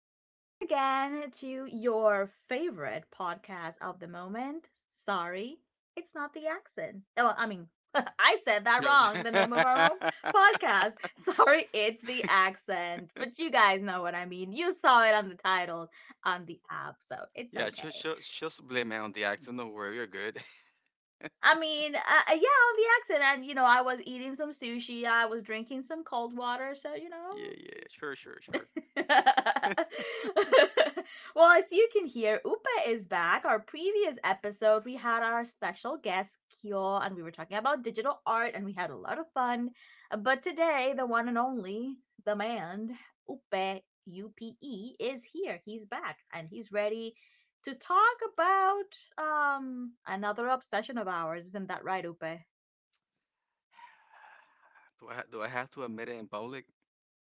once again to your favorite podcast of the moment. Sorry, it's not the accent. Oh, I said that Yes. wrong, the name of our own podcast. Sorry, it's the accent. But you guys know what I mean. You saw it on the title on the app, so it's yeah, Just, okay. just she blame me on the accent. Don't worry, you're good. I mean, yeah, on the accent. I was eating some sushi, I was drinking some cold water, yeah, yeah, sure, sure, sure. well, as you can hear, Upe is back. Our previous episode, we had our special guest, Kyo, and we were talking about digital art, and we had a lot of fun. But today, the one and only, the man, Upe, U P E, is here. He's back, and he's ready to talk about another obsession of ours. Isn't that right, Upe? Do I have to admit it in public?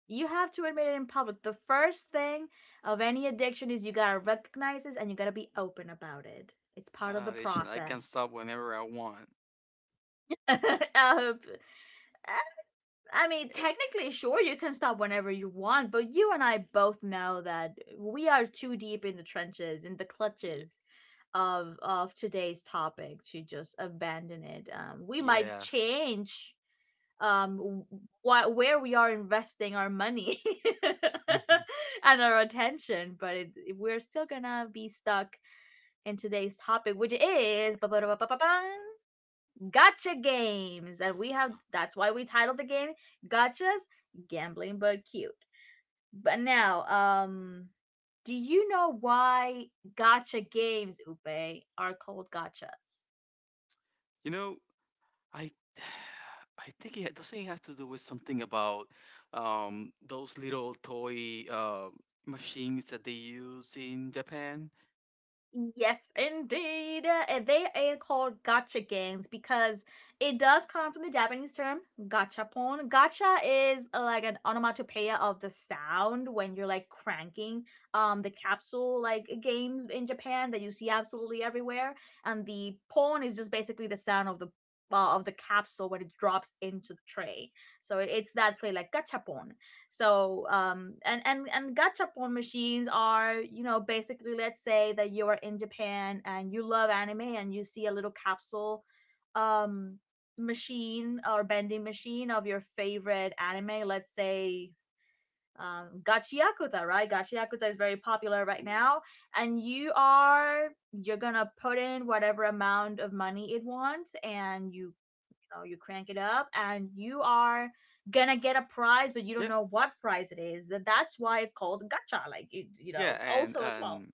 You have to admit it in public. The first thing of any addiction is you gotta recognize it and you gotta be open about it. It's It's part not of an the audition. I can process. stop whenever I want. um, I mean, Eh, technically, sure, you can stop whenever you want, but you and I both know that we are too deep in the trenches, in the y- clutches of today's topic to just abandon it. We might Yeah. change um what where we are investing our money and our attention, but it, we're still gonna be stuck in today's topic, which is gotcha games. And we have, that's why we titled the game gotchas, gambling but cute. But now, do you know why gotcha games, Upe, are called gotchas? you know, I I think it doesn't it have to do with something about those little toy machines that they use in Japan. Yes, indeed. They are called gacha games because it does come from the Japanese term gachapon. Gacha is like an onomatopoeia of the sound when you're like cranking the capsule like games in Japan that you see absolutely everywhere, and the pon is just basically the sound of the capsule when it drops into the tray. So it's that play, like gachapon. So and gachapon machines are, you know, basically, let's say that you are in Japan and you love anime, and you see a little capsule um machine or bending machine of your favorite anime. Let's say Gachiyakuta, right? Gachiyakuta is very popular right Ooh. now, and you're gonna put in whatever amount of money it wants, and you know, you crank it up and you are gonna get a prize, but you don't Yeah, know what prize it is. That's why it's called gacha, like you yeah, know, and also as well. and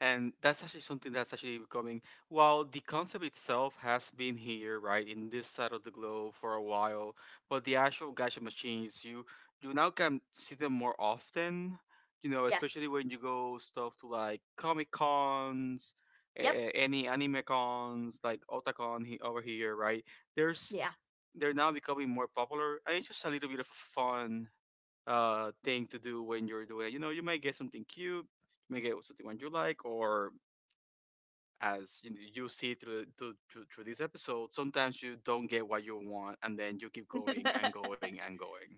And that's actually something that's actually becoming, while the concept itself has been here, right, in this side of the globe for a while, but the actual gacha machines, you now can see them more often, you know, especially Yes. when you go stuff to like Comic Cons, Yep. Any anime cons, like Otakon over here, right? There's Yeah. They're now becoming more popular, and it's just a little bit of a fun thing to do when you're doing it. You know, you might get something cute, may get something one you like, or as you, know, you see through this episode, sometimes you don't get what you want, and then you keep going and going and going.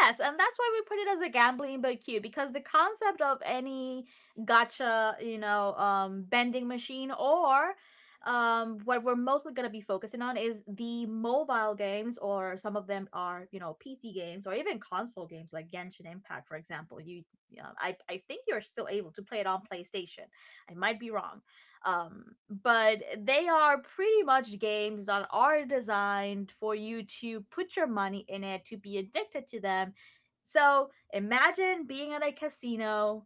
Yes, and that's why we put it as a gambling but cute, because the concept of any gotcha, you know, bending machine or what we're mostly going to be focusing on is the mobile games, or some of them are, you know, PC games or even console games like Genshin Impact, for example. You, um, I think you're still able to play it on PlayStation. I might be wrong, but they are pretty much games that are designed for you to put your money in it to be addicted to them. So imagine being at a casino,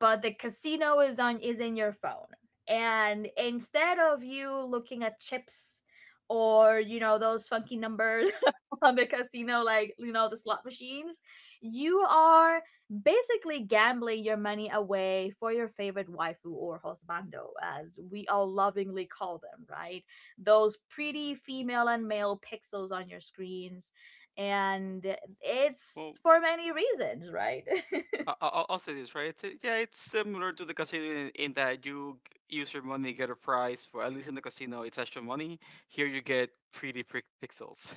but the casino is in your phone, and instead of you looking at chips or you know those funky numbers on the casino, like you know the slot machines, you are basically gambling your money away for your favorite waifu or husbando, as we all lovingly call them, right? Those pretty female and male pixels on your screens. And it's Well, for many reasons, right? I'll say this right. It's similar to the casino in that you use your money get a prize. For at least in the casino, it's actual money. Here, you get pretty pixels.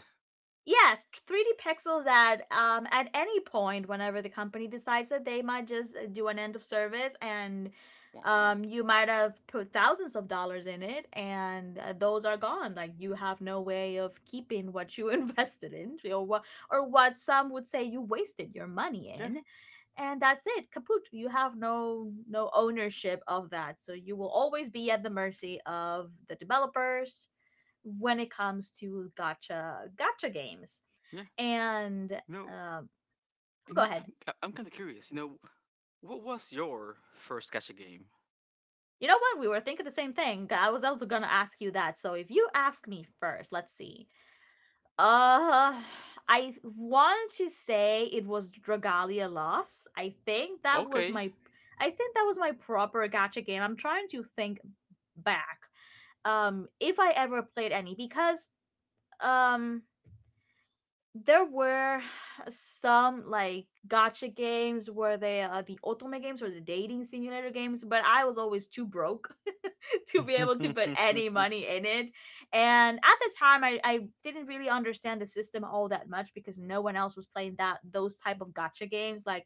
Yes, 3D pixels at any point whenever the company decides that they might just do an end of service, and Womp womp. You might have put thousands of dollars in it, and those are gone. Like, you have no way of keeping what you invested in, or what, or what some would say you wasted your money Yeah, in. And that's it, kaput. You have no ownership of that, so you will always be at the mercy of the developers when it comes to gotcha games. yeah. And No, um, go I'm ahead. I'm, I'm kind of curious. You know, what was your first gacha game? You know what? We were thinking the same thing. I was also gonna ask you that. So if you ask me first, let's see. Uh, I want to say it was Dragalia Lost. Okay. I think that was my proper gotcha game. I'm trying to think back. If I ever played any, because um, there were some like gotcha games where they the otome games or the dating simulator games, but I was always too broke to be able to put any money in it. And at the time, I didn't really understand the system all that much, because no one else was playing that, those type of gotcha games, like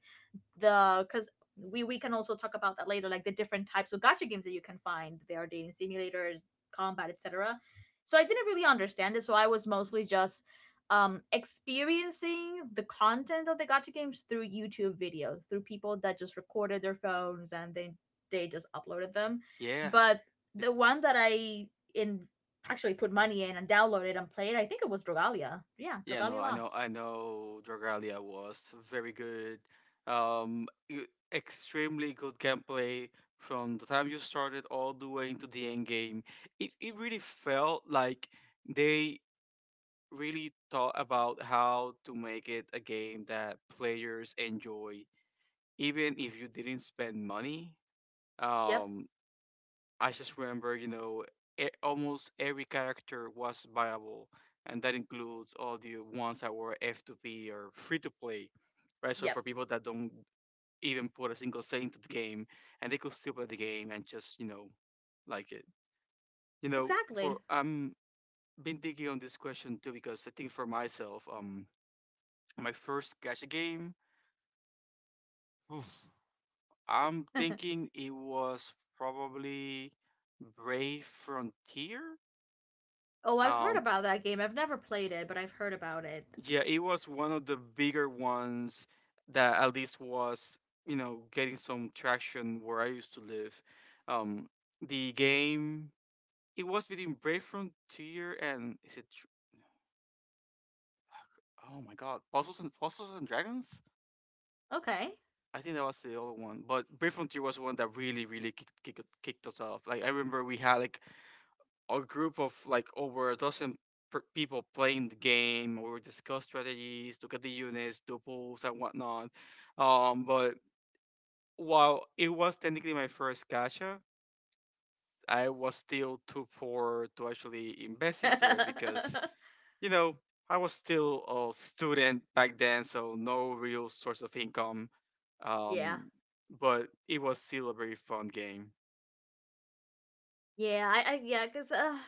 the because we can also talk about that later, like the different types of gacha games that you can find. There are dating simulators, combat, etc. So I didn't really understand it, so I was mostly just experiencing the content of the gacha games through YouTube videos, through people that just recorded their phones and they just uploaded them. yeah, But it's the one that I in actually put money in and downloaded and played, I think it was Dragalia, yeah, Yeah, no, Dragalia I know, Lost. I know. Dragalia was very good. Um, e- Extremely good gameplay from the time you started all the way into the end game. It really felt like they really thought about how to make it a game that players enjoy, even if you didn't spend money. Yep. Um, I just remember, you know, almost every character was viable, and that includes all the ones that were F2P or free to play, right? So Yep. for people that don't even put a single cent into the game, and they could still play the game and just, you know, like it. You know, for Exactly. I'm been thinking on this question too because I think for myself, my first gacha game, oof, I'm thinking it was probably Brave Frontier. Oh, I've heard Um, about that game. I've never played it, but I've heard about it. Yeah, it was one of the bigger ones that at least was, you know, getting some traction where I used to live. Um, the game it was between Brave Frontier and is it? Oh my God, Puzzles and Dragons. Okay. I think that was the other one, but Brave Frontier was the one that really, really kicked us off. Like I remember we had like a group of like over a dozen people playing the game. We would discuss strategies, look at the units, do pools and whatnot. But while it was technically my first gacha, I was still too poor to actually invest into it because you know I was still a student back then, so no real source of income. Yeah. Um, but it was still a very fun game. Yeah, I yeah, cuz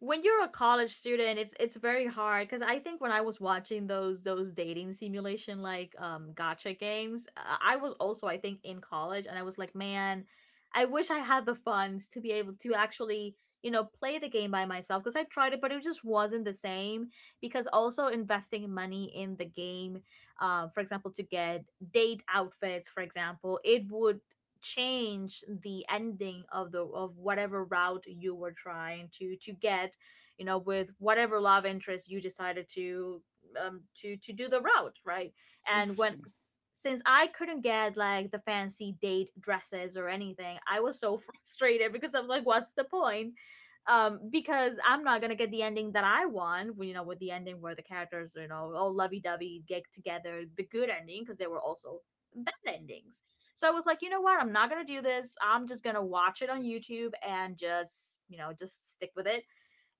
when you're a college student, it's very hard, because I think when I was watching those dating simulation like gacha games, I was also, I think, in college, and I was like, man, I wish I had the funds to be able to actually, you know, play the game by myself, because I tried it but it just wasn't the same. Because also investing money in the game, for example, to get date outfits, for example, it would change the ending of the, of whatever route you were trying to get, you know, with whatever love interest you decided to do the route, right? And when Interesting. s- since I couldn't get like the fancy date dresses or anything, I was so frustrated, because I was like, what's the point? Because I'm not gonna get the ending that I want, you know, with the ending where the characters, you know, all lovey-dovey get together, the good ending, because there were also bad endings. So I was like, you know what? I'm not gonna do this. I'm just gonna watch it on YouTube, and just, you know, just stick with it.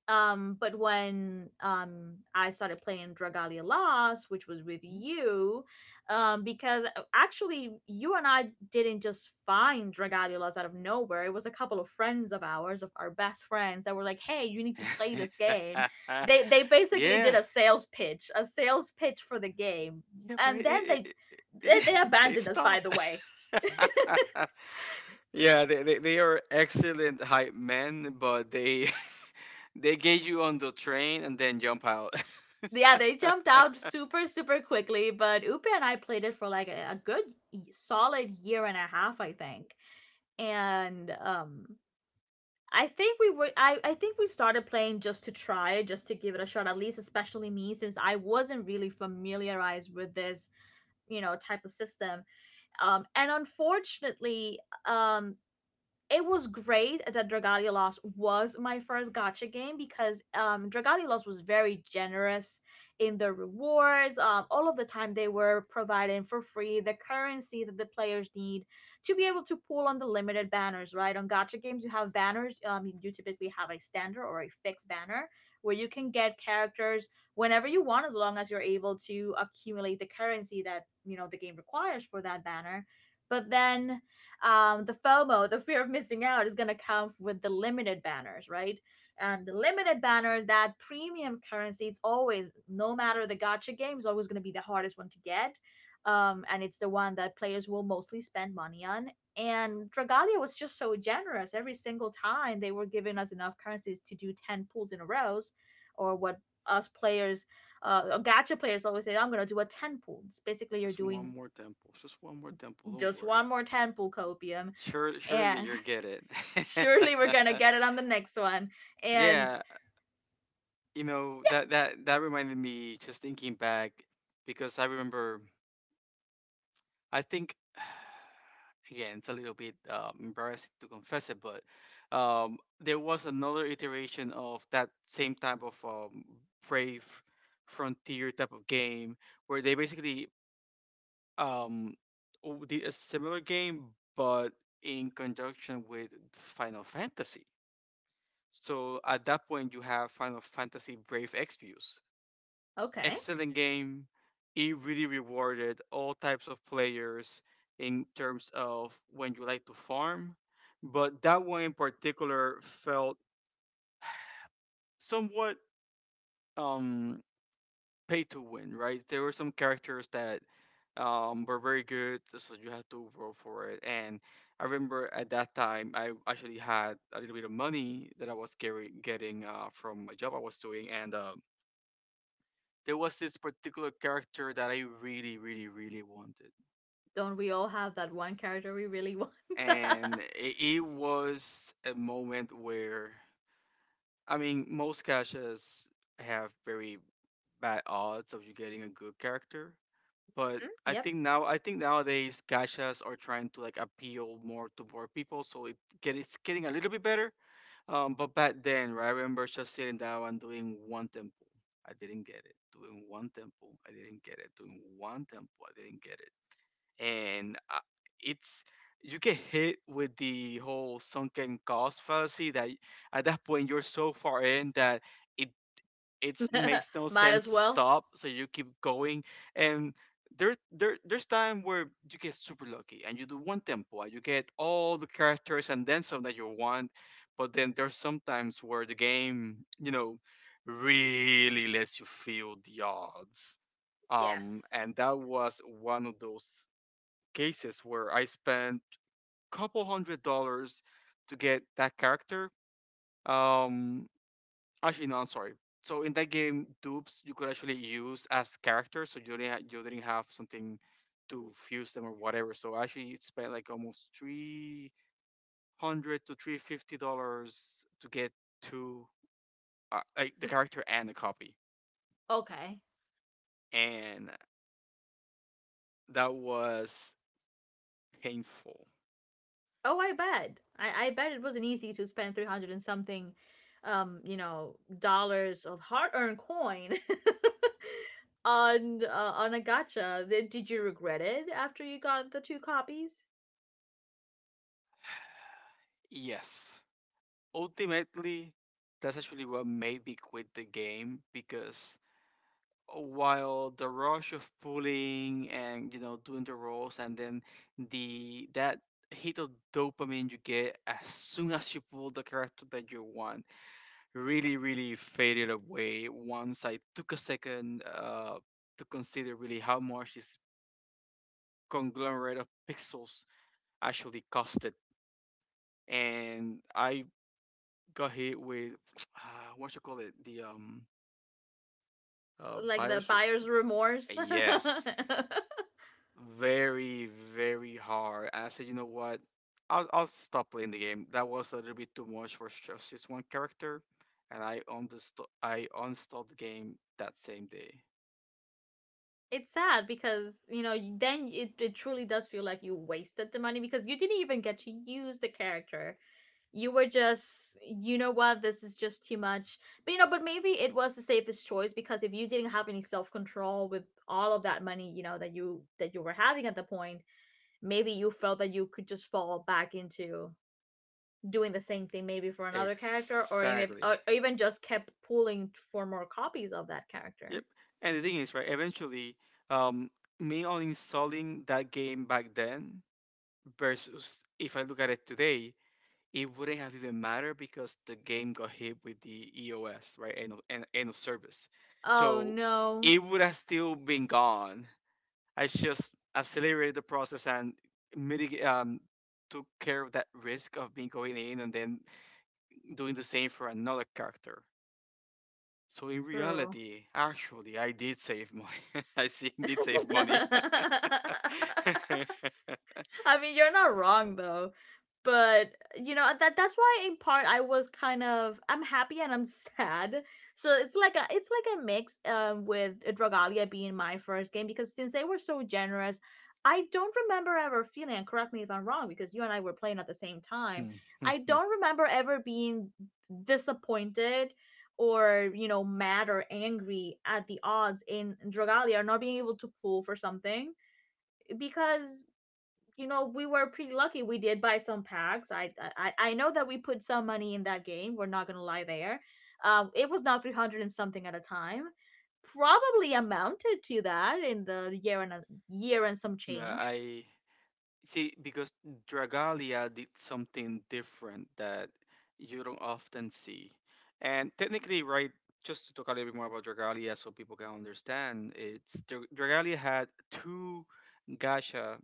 But when I started playing Dragalia Lost, which was with you, because actually, you and I didn't just find Dragalia Lost out of nowhere. It was a couple of friends of ours, of our best friends, that were like, "Hey, you need to play this game." They basically did yeah, a sales pitch for the game, Yeah, but and then they they, they they abandoned us. By the stopped. way. yeah, they are excellent hype men, but they they get you on the train and then jump out. Yeah, they jumped out super, super quickly. But Upe and I played it for like a good, solid year and a half, I think. And I think we started playing just to try, just to give it a shot. At least, especially me, since I wasn't really familiarized with this, you know, type of system. Um, and unfortunately, um, it was great that Dragalia Lost was my first gotcha game, because Dragalia Lost was very generous in the rewards. All of the time they were providing for free the currency that the players need to be able to pull on the limited banners, right? On gotcha games, you have banners. You typically have a standard or a fixed banner where you can get characters whenever you want, as long as you're able to accumulate the currency that, you know, the game requires for that banner. But then, the FOMO, the fear of missing out, is going to come with the limited banners, right? And the limited banners, that premium currency, it's always, no matter the Gacha game, is always going to be the hardest one to get. And it's the one that players will mostly spend money on. And Dragalia was just so generous. Every single time they were giving us enough currencies to do 10 pulls in a row, or what us players, gacha players always say, I'm going to do a 10 pool. It's basically you're Just one doing more temple. Just one more temple. Don't just worry. one more 10 pool copium, Sure, surely and you'll get it. surely we're gonna get it on the next one. And yeah, you know that that reminded me just thinking back because I remember I think again, it's a little bit embarrassing to confess it, but there was another iteration of that same type of brave frontier type of game where they basically um, did a similar game but in conjunction with Final Fantasy. So at that point, you have Final Fantasy Brave Exvius, okay, excellent game. It really rewarded all types of players in terms of when you like to farm, but that one in particular felt somewhat um, pay to win, right? There were some characters that were very good, so you had to roll for it. And I remember at that time, I actually had a little bit of money that I was getting from a job I was doing, and there was this particular character that I really, really, really wanted. don't we all have that one character we really want? And it was a moment where I mean most caches have very bad odds of you getting a good character. But Mm-hmm. Yep. I think nowadays gachas are trying to like appeal more to more people, so it's getting a little bit better. But back then, right, I remember just sitting down and doing one temple. I didn't get it. Doing one temple, I didn't get it. Doing one temple, I didn't get it, and it's you get hit with the whole sunken cost fallacy that at that point you're so far in that it it makes no Might as sense to well. stop, so you keep going. And there's time where you get super lucky and you do one tempo and you get all the characters and then some that you want, but then there's sometimes where the game, you know, really lets you feel the odds, um, Yes. and that was one of those cases where I spent a couple $100s to get that character. Um, actually, no, I'm sorry. So in that game, dupes you could actually use as characters, so you didn't have something to fuse them or whatever. So I actually spent like almost three hundred to three fifty dollars to get two like the character and the copy, Okay. and that was painful. Oh, I bet. I bet it wasn't easy to spend 300 and something, dollars of hard-earned coin on a gacha. Did you regret it after you got the two copies? Yes, ultimately, that's actually what made me quit the game because while the rush of pulling and you know doing the rolls and then the that hit of dopamine you get as soon as you pull the character that you want really really faded away once I took a second to consider really how much this conglomerate of pixels actually costed. And I got hit with uh, what you call it the Like the buyers, buyer's remorse? yes, very, very hard. And I said, you know what? I'll stop playing the game. That was a little bit too much for just this one character, and I uninstalled the game that same day. It's sad because, you know, then it truly does feel like you wasted the money because you didn't even get to use the character. You were just, you know what, this is just too much. But you know, but maybe it was the safest choice, because if you didn't have any self-control with all of that money, you know, that you were having at the point, maybe you felt that you could just fall back into doing the same thing, maybe for another character, or Exactly. even just kept pulling for more copies of that character. Yep. And the thing is, right? Eventually, um, me uninstalling that game back then versus if I look at it today, it wouldn't have even mattered because the game got hit with the EOS, right? End of service. Oh So no. it would have still been gone. I just accelerated the process and mitigate, um, took care of that risk of being going in and then doing the same for another character. So in Bro, reality, actually, I did save money. I see, did save money. I mean, you're not wrong though. But you know, that that's why in part I was kind of I'm happy and I'm sad. So it's like a mix with Dragalia being my first game, because since they were so generous, I don't remember ever feeling, and correct me if I'm wrong, because you and I were playing at the same time. Hmm. I don't remember ever being disappointed, or you know, mad or angry at the odds in Dragalia, or not being able to pull for something, because you know, we were pretty lucky. We did buy some packs. I know that we put some money in that game, we're not gonna lie there. Um, it was not 300 and something at a time, probably amounted to that in the year and a year and some no, change. I See, because Dragalia did something different that you don't often see. And technically, right, just to talk a little bit more about Dragalia so people can understand, it's Dragalia had two gacha,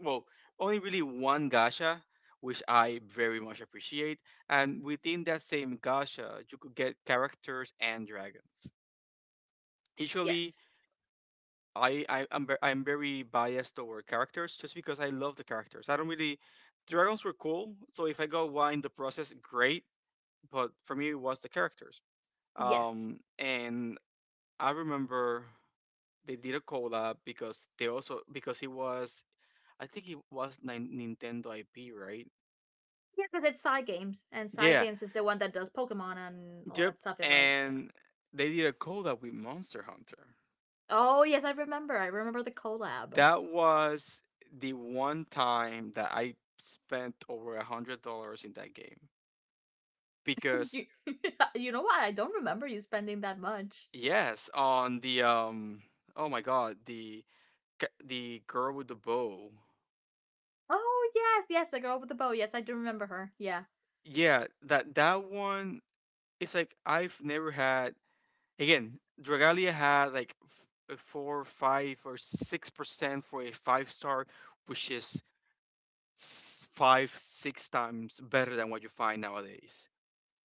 well, only really one gacha, which I very much appreciate. And within that same gacha, you could get characters and dragons. Usually, Yes. I'm very biased toward characters just because I love the characters. I don't really Dragons were cool, so if I got one in the process, great. But for me, it was the characters. Yes. And I remember they did a collab because they also because it was I think it was Nintendo IP, right? Yeah, because it's side games, and side Yeah. games is the one that does Pokemon and all Yep. that stuff, if I yeah. And they did a collab with Monster Hunter. Oh yes, I remember, I remember the collab. That was the one time that I spent over $100 in that game. you, Because you know what, I don't remember you spending that much. yes, on the oh my god, the the girl with the bow. Oh yes, yes, the girl with the bow. Yes, I do remember her. Yeah. Yeah, that that one. It's like I've never had. Again, Dragalia had like a four, 5 or 6% for a 5-star, which is 5, 6 times better than what you find nowadays.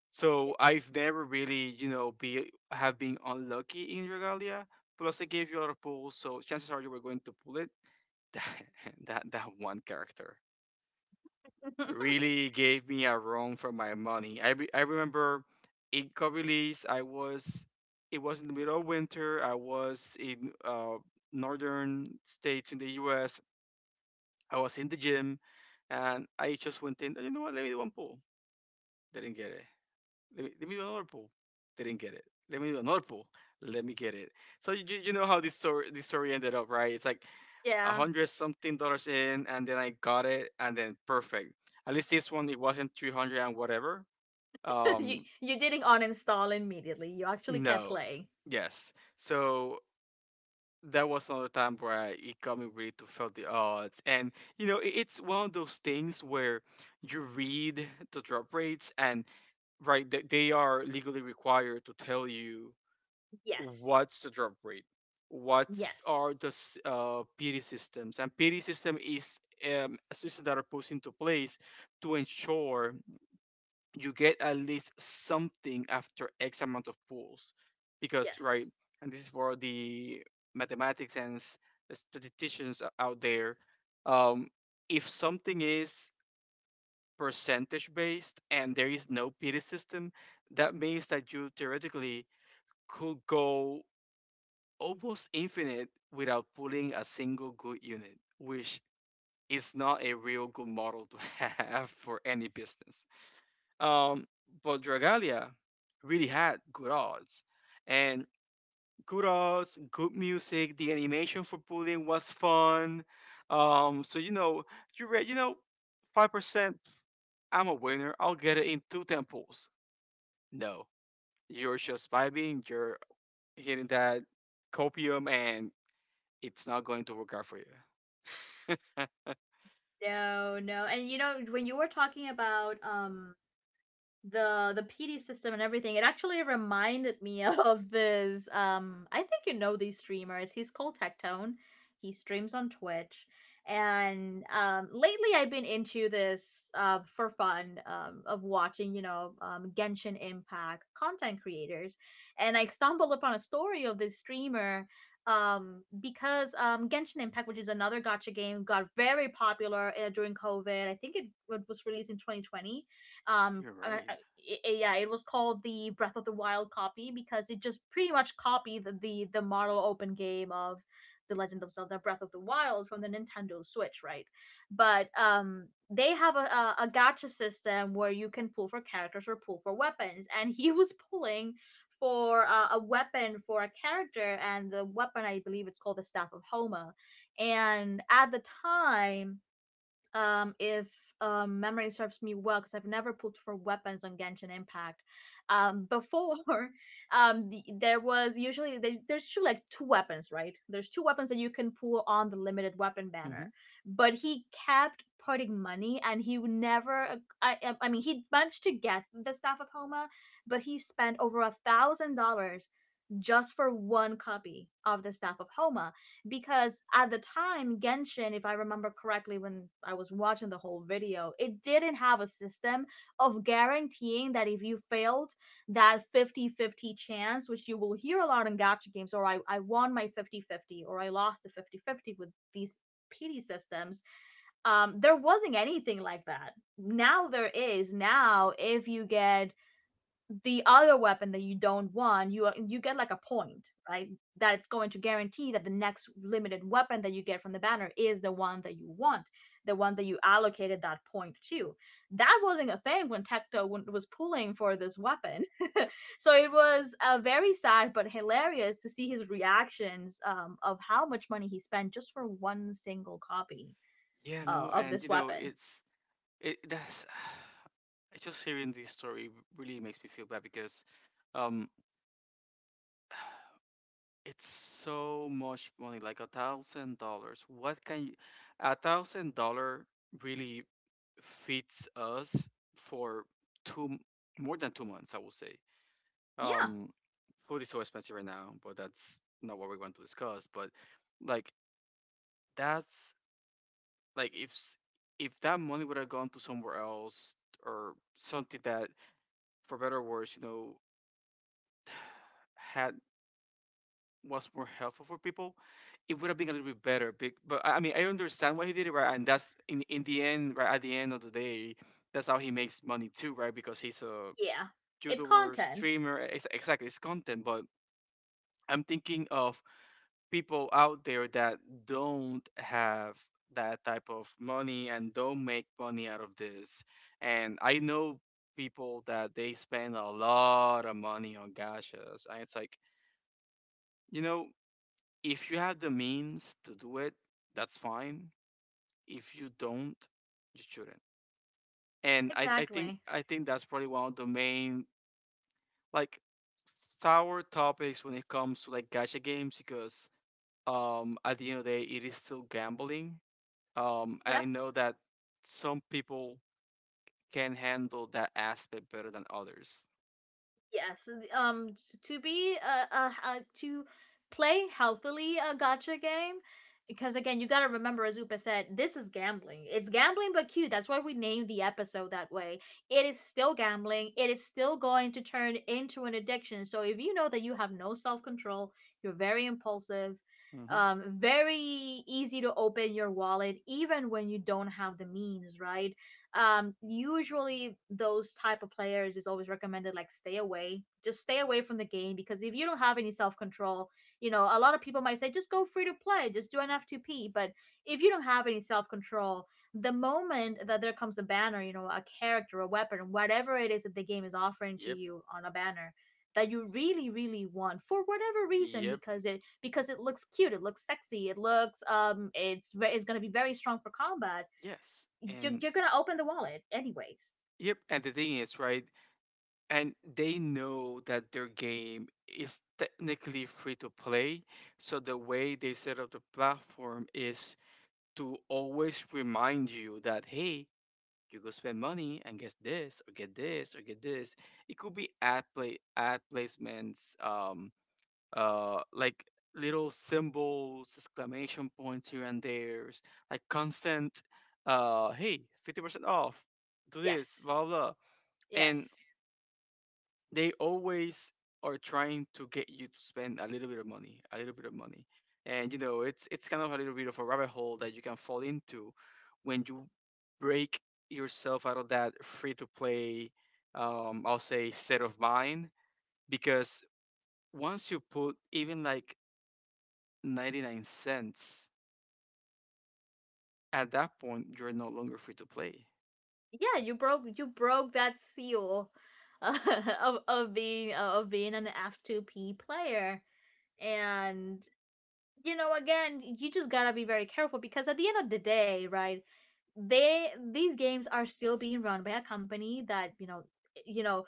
So I've never really, you know, be have been unlucky in Dragalia. Plus, they gave you a lot of pulls, so chances are you were going to pull it. That one character really gave me a run for my money. I remember in co-release I was it was in the middle of winter. I was in northern states in the U.S. I was in the gym, and I just went in. "Oh, you know what? Let me do one pull. Didn't get it. Let me do another pull. Didn't get it. Let me do another pull. Let me get it." So you, you know how this story ended up, right? It's like a Yeah. hundred something dollars in, and then I got it, and then perfect. At least this one, it wasn't 300 and whatever. you Um, you didn't uninstall immediately. You actually kept no, playing. yes. So that was another time where it got me really to felt the odds, and you know, it's one of those things where you read the drop rates, and right, they are legally required to tell you Yes. what's the drop rate what's Yes. are the s- PD systems. And PD system is a system that are put into place to ensure you get at least something after X amount of pools because right. Yes. And this is for the mathematics and statisticians out there. um, if something is percentage based and there is no PD system, that means that you theoretically could go almost infinite without pulling a single good unit, which is not a real good model to have for any business. Um, but Dragalia really had good odds, and good odds, good music. The animation for pulling was fun. So you know, you read, you know, 5%. I'm a winner. I'll get it in two temples. No, you're just vibing. You're hitting that copium and it's not going to work out for you. No, no. And you know, when you were talking about the PD system and everything, it actually reminded me of this. I think you know these streamers. He's called Tectone. He streams on Twitch, and lately I've been into this for fun of watching, Genshin Impact content creators, and I stumbled upon a story of this streamer because Genshin Impact, which is another gacha game, got very popular during COVID. I think it was released in 2020. um You're uh, right. yeah, it was called the Breath of the Wild copy, because it just pretty much copied the model open game of The Legend of Zelda Breath of the Wild from the Nintendo Switch, right? But um, they have a gacha system where you can pull for characters or pull for weapons, and he was pulling for a weapon for a character, and the weapon I believe it's called the Staff of Homa. And at the time, if memory serves me well, because I've never pulled for weapons on Genshin Impact before, there was usually, there's usually like two weapons, right? There's two weapons that you can pull on the limited weapon banner, hmm but he kept putting money, and he would never, I mean, he managed to get the Staff of Homa, but he spent over $1,000 just for one copy of the Staff of Homa, because at the time Genshin, if I remember correctly, when I was watching the whole video, it didn't have a system of guaranteeing that, if you failed that 50-50 chance, which you will hear a lot in gacha games, or I won my 50-50, or I lost the 50-50 with these PD systems, there wasn't anything like that. Now there is. Now, if you get the other weapon that you don't want, you you get like a point, right? That it's going to guarantee that the next limited weapon that you get from the banner is the one that you want, the one that you allocated that point to. That wasn't a thing when Tecto was pulling for this weapon, so it was very sad but hilarious to see his reactions, of how much money he spent just for one single copy Yeah, no, of and this you know, weapon. it's it that's just hearing this story really makes me feel bad, because um it's so much money, like $1,000. What can you— $1,000 really feeds us for two m- more than 2 months, I will say. Yeah, Um, food is so expensive right now, but that's not what we want to discuss. But like that's like if that money would have gone to somewhere else or something that for better or worse, you know, had— was more helpful for people, it would have been a little bit better big. But I mean, I understand why he did it, right? And that's in— in the end, right, at the end of the day, that's how he makes money too, right? Because he's a yeah, it's youtuber content. streamer— exactly, it's content. But I'm thinking of people out there that don't have that type of money and don't make money out of this. And I know people that they spend a lot of money on gashas. And it's like, you know, if you have the means to do it, that's fine. If you don't, you shouldn't. And Exactly. I think that's probably one of the main like sour topics when it comes to like gacha games, because um, at the end of the day, it is still gambling. And I Yep. know that some people can handle that aspect better than others. Yes, um, to be a to play healthily a gotcha game, because again, you got to remember, as Upa said, this is gambling. It's gambling, but cute. That's why we named the episode that way. It is still gambling. It is still going to turn into an addiction. So if you know that you have no self control, you're very impulsive, Mm-hmm. Very easy to open your wallet, even when you don't have the means, right? Um, usually those type of players, is always recommended like stay away, just stay away from the game, because if you don't have any self-control, you know, a lot of people might say just go free to play, just do an F2P, but if you don't have any self-control, the moment that there comes a banner, you know, a character, a weapon, whatever it is that the game is offering to Yep. you on a banner, that you really really want for whatever reason, Yep. because it looks cute, it looks sexy, it looks um, it's going to be very strong for combat, Yes. And you're gonna open the wallet anyways. yep. And the thing is, right? And they know that their game is technically free to play. So the way they set up the platform is to always remind you that, hey, you go spend money and get this or get this or get this. It could be ad placements, like little symbols, exclamation points here and there, like constant, hey, 50% off, do this, Yes. blah, blah, blah. And Yes. they always are trying to get you to spend a little bit of money, a little bit of money. And you know, it's kind of a little bit of a rabbit hole that you can fall into when you break yourself out of that free to play, I'll say, state of mind. Because once you put even like 99 cents. At that point, you're no longer free to play. Yeah, you broke, you broke that seal uh, of being of being an F2P player. And you know again, you just gotta be very careful, because at the end of the day, right, they, these games are still being run by a company that, you know, you know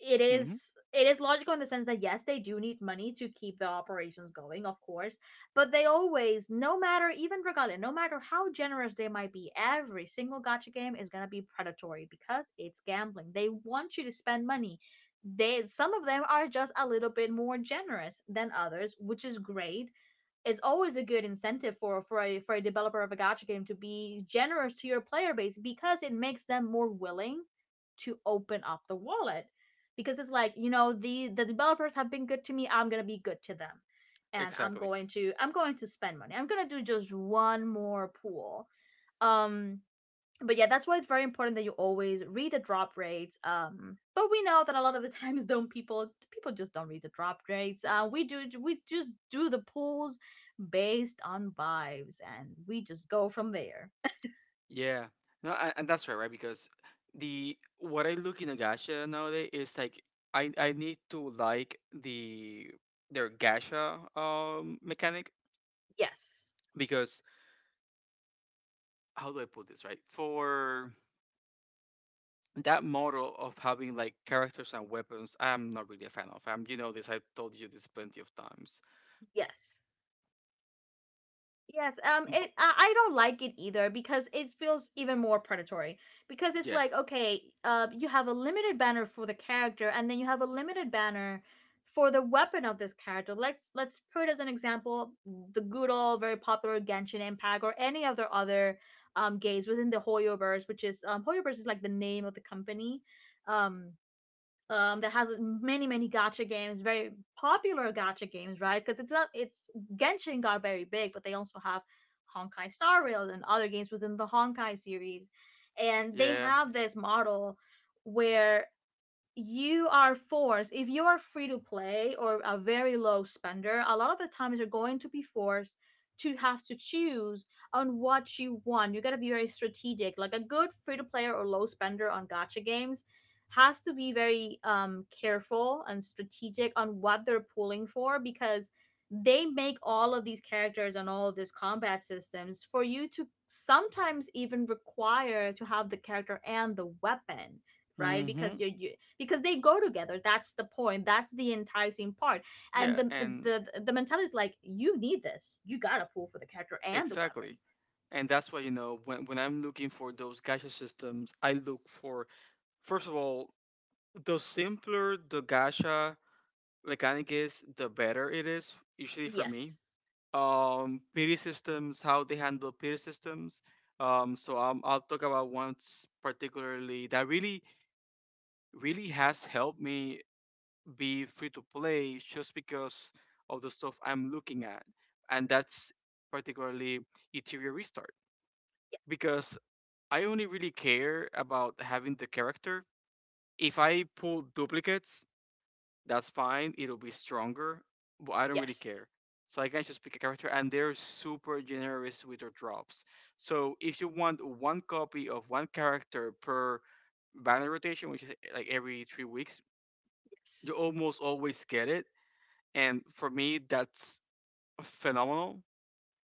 it Hmm. is, it is logical in the sense that yes, they do need money to keep the operations going, of course, but they always, no matter, even regardless, no matter how generous they might be, every single gacha game is going to be predatory, because it's gambling, they want you to spend money. They, some of them are just a little bit more generous than others, which is great. It's always a good incentive for for a developer of a gacha game to be generous to your player base, because it makes them more willing to open up the wallet, because it's like, you know, the developers have been good to me, I'm gonna be good to them, and Exactly. I'm going to spend money, I'm gonna do just one more pool. Um, but yeah, that's why it's very important that you always read the drop rates. But we know that a lot of the times, don't people just don't read the drop rates. Yeah. We just do the pools based on vibes, and we just go from there. Yeah. No, and that's right, right? Because the— what I look in a gacha nowadays is like I need to like the— their gacha um, mechanic, Yes, because how do I put this right? For that model of having like characters and weapons, I'm not really a fan of. I'm— you know this. I've told you this plenty of times. yes. Yes, But it I don't like it either, because it feels even more predatory. Because it's yeah, like, okay, you have a limited banner for the character, and then you have a limited banner for the weapon of this character. Let's put as an example the good old very popular Genshin Impact, or any other games within the Hoyoverse, which is um, Hoyoverse is like the name of the company. Um um, that has many many gacha games, very popular gacha games, right? Because it's not it's Genshin got very big, but they also have Honkai Star Rail and other games within the Honkai series, and they yeah. have this model where you are forced, if you are free to play or a very low spender, a lot of the times you're going to be forced to have to choose on what you want. You got to be very strategic. Like a good free to player or low spender on gacha games has to be very um, careful and strategic on what they're pulling for, because they make all of these characters and all of these combat systems for you to sometimes even require to have the character and the weapon, right? Because Hmm. You, because they go together, that's the point, that's the enticing part, and Yeah, the and the the mentality is like, you need this, you gotta pull for the character and the weapon. exactly. And that's why, you know, when I'm looking for those gacha systems, I look for, first of all, the simpler the gacha mechanic is, the better it is, usually for me. Yes. Pity systems, how they handle pity systems. I'll talk about one particularly that really has helped me be free to play just because of the stuff I'm looking at. And that's particularly Ethereum Restart, because I only really care about having the character. If I pull duplicates, that's fine. It'll be stronger, but I don't really Yes. care. So I can just pick a character, and they're super generous with their drops. So if you want one copy of one character per banner rotation, which is eh, like every 3 weeks, you Yes. almost always get it. And for me, that's phenomenal.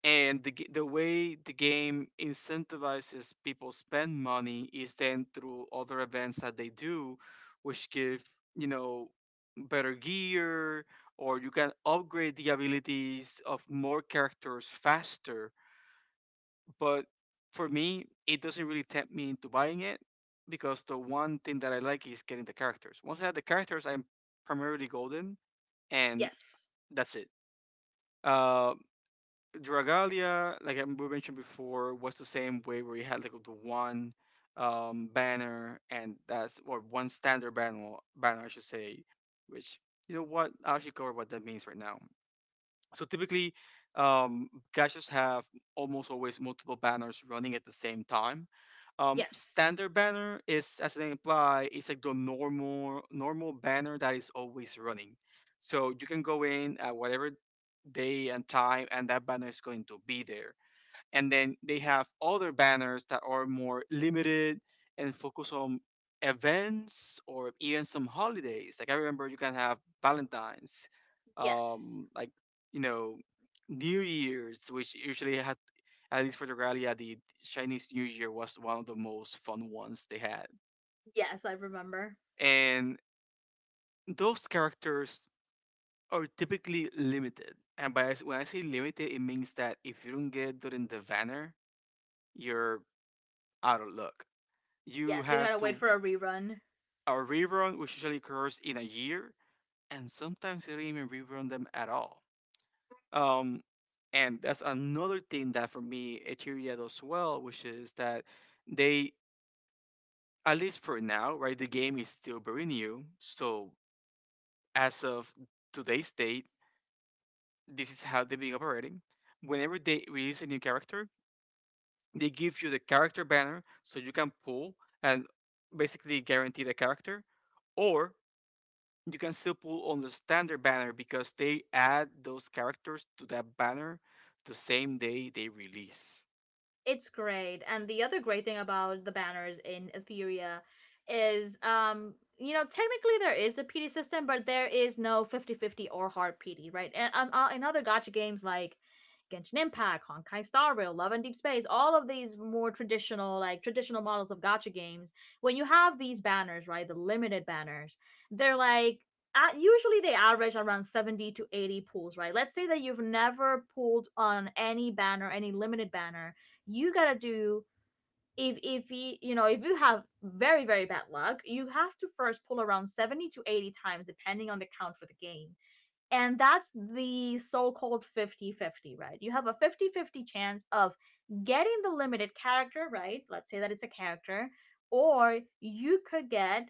And the the way the game incentivizes people spend money is then through other events that they do, which give, you know, better gear, or you can upgrade the abilities of more characters faster. But for me, it doesn't really tempt me into buying it, because the one thing that I like is getting the characters. Once I have the characters, I'm primarily golden, and Yes. that's it. Uh, Dragalia, like we mentioned before, was the same way, where you had like the one banner, and that's— or one standard banner, banner I should say. Which, you know what? I'll actually cover what that means right now. So typically, caches have almost always multiple banners running at the same time. Yes. Standard banner is, as the name imply, it's like the normal banner that is always running. So you can go in at whatever day and time, and that banner is going to be there. And then they have other banners that are more limited and focus on events or even some holidays. Like I remember you can have valentines, Yes. um, like, you know, new year's, which usually had, at least for the rally, the Chinese new year was one of the most fun ones they had. Yes, I remember. And those characters are typically limited. And by when I say limited, it means that if you don't get it during the banner, you're out of luck. You Yes, you have gotta wait to— for a rerun. a rerun, which usually occurs in a year, and sometimes they don't even rerun them at all. Um, and that's another thing that for me Eteria does well, which is that they, at least for now, right, the game is still very new. So as of today's date, this is how they've been operating. Whenever they release a new character, they give you the character banner so you can pull and basically guarantee the character, or you can still pull on the standard banner, because they add those characters to that banner the same day they release. It's great. And the other great thing about the banners in Etheria is, um, you know, technically there is a PD system, but there is no 50-50 or hard PD, right? And in other gacha games like Genshin Impact, Honkai Star Rail, Love and Deep Space, all of these more traditional models of gacha games, when you have these banners, right, the limited banners, they're like, usually they average around 70 to 80 pools, right? Let's say that you've never pulled on any banner, any limited banner, you gotta do if, you have very very bad luck, you have to first pull around 70 to 80 times depending on the count for the game, and that's the so-called 50, 50, right? You have a 50 50 chance of getting the limited character, right? Let's say that it's a character, or you could get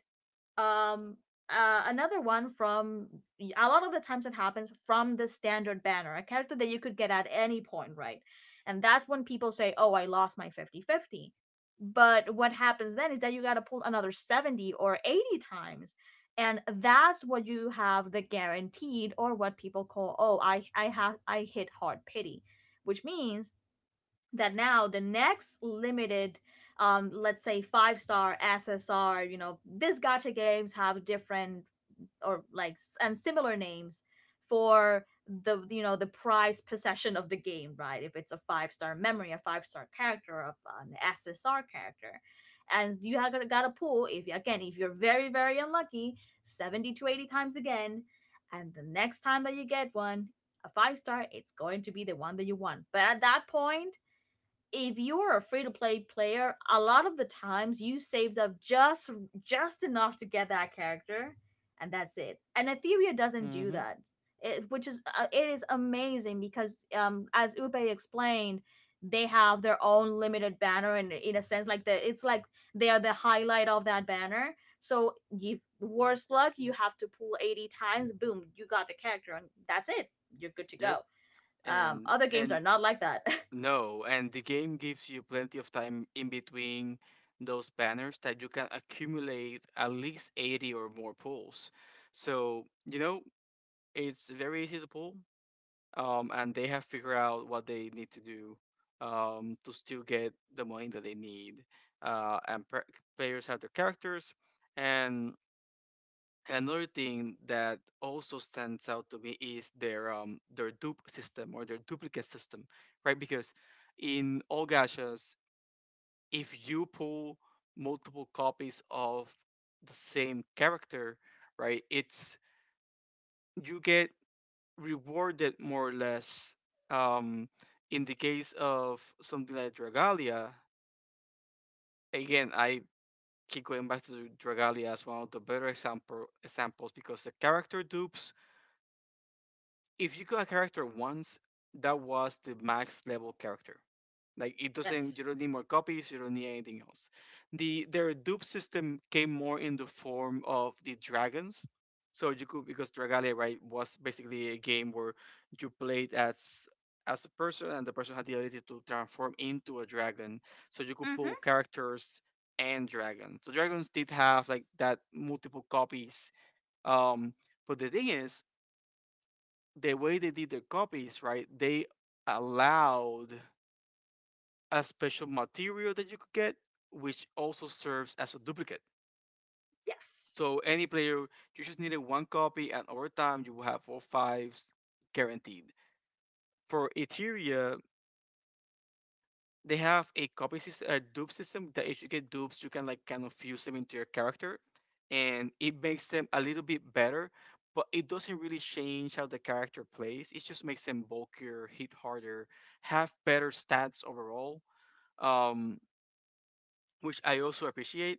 um another one from — a lot of the times it happens from the standard banner — a character that you could get at any point, right? And that's when people say, "Oh, I lost my 50-50." But what happens then is that you got to pull another 70 or 80 times, and that's what you have, the guaranteed, or what people call, "Oh, I hit hard pity," which means that now the next limited, let's say five-star SSR, you know, these gacha games have different or and similar names for, the you know, the prize possession of the game, right? If it's a five-star memory, a five-star character, of an SSR character. And you have got to pull, if you, again, if you're very very unlucky, 70 to 80 times again, and the next time that you get one, a five star, it's going to be the one that you want. But at that point, if you're a free to play player, a lot of the times you saved up just enough to get that character, and that's it. And Etheria doesn't do Mm-hmm. that, which is it is amazing because as Upe explained, they have their own limited banner, and in a sense, like the it's like they are the highlight of that banner. So if worst luck, you have to pull 80 times, boom, you got the character, and that's it. You're good to Yep. go. Other games And are not like that. no, and the game gives you plenty of time in between those banners that you can accumulate at least 80 or more pulls. So, you know, it's very easy to pull. Um, and they have figured out what they need to do to still get the money that they need. And players have their characters. And another thing that also stands out to me is their dupe system or their duplicate system, right? Because in all gachas, if you pull multiple copies of the same character, right, it's— you get rewarded more or less um, in the case of something like Dragalia. Again, I keep going back to Dragalia as one of the better examples, because the character dupes, if you got a character once, that was the max level character. Like it doesn't— you Yes. don't need more copies, you don't need anything else. The— their dupe system came more in the form of the dragons. So you could— because Dragalia, right, was basically a game where you played as a person, and the person had the ability to transform into a dragon. So you could pull Mm-hmm. characters and dragons. So dragons did have like that multiple copies. Um, but the thing is, the way they did their copies, right? They allowed a special material that you could get, which also serves as a duplicate. Yes. So any player, you just needed one copy, and over time you will have all fives guaranteed. For Etheria, they have a copy system, a dupe system that if you get dupes, you can like kind of fuse them into your character, and it makes them a little bit better. But it doesn't really change how the character plays. It just makes them bulkier, hit harder, have better stats overall, um, which I also appreciate.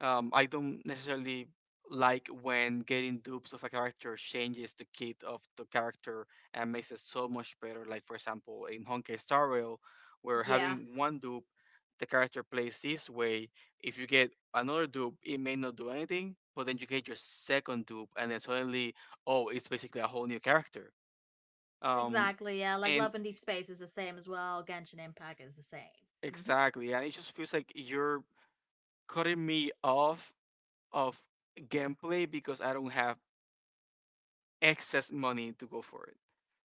I don't necessarily like when getting dupes of a character changes the kit of the character and makes it so much better. Like for example, in Honkai Star Rail, where Yeah. having one dupe, the character plays this way. If you get another dupe, it may not do anything, but then you get your second dupe, and then suddenly, oh, it's basically a whole new character. Um, Exactly. Yeah. Like and Love and Deep Space is the same as well. Genshin Impact is the same. Mm-hmm. exactly, and it just feels like you're cutting me off of gameplay because I don't have excess money to go for it.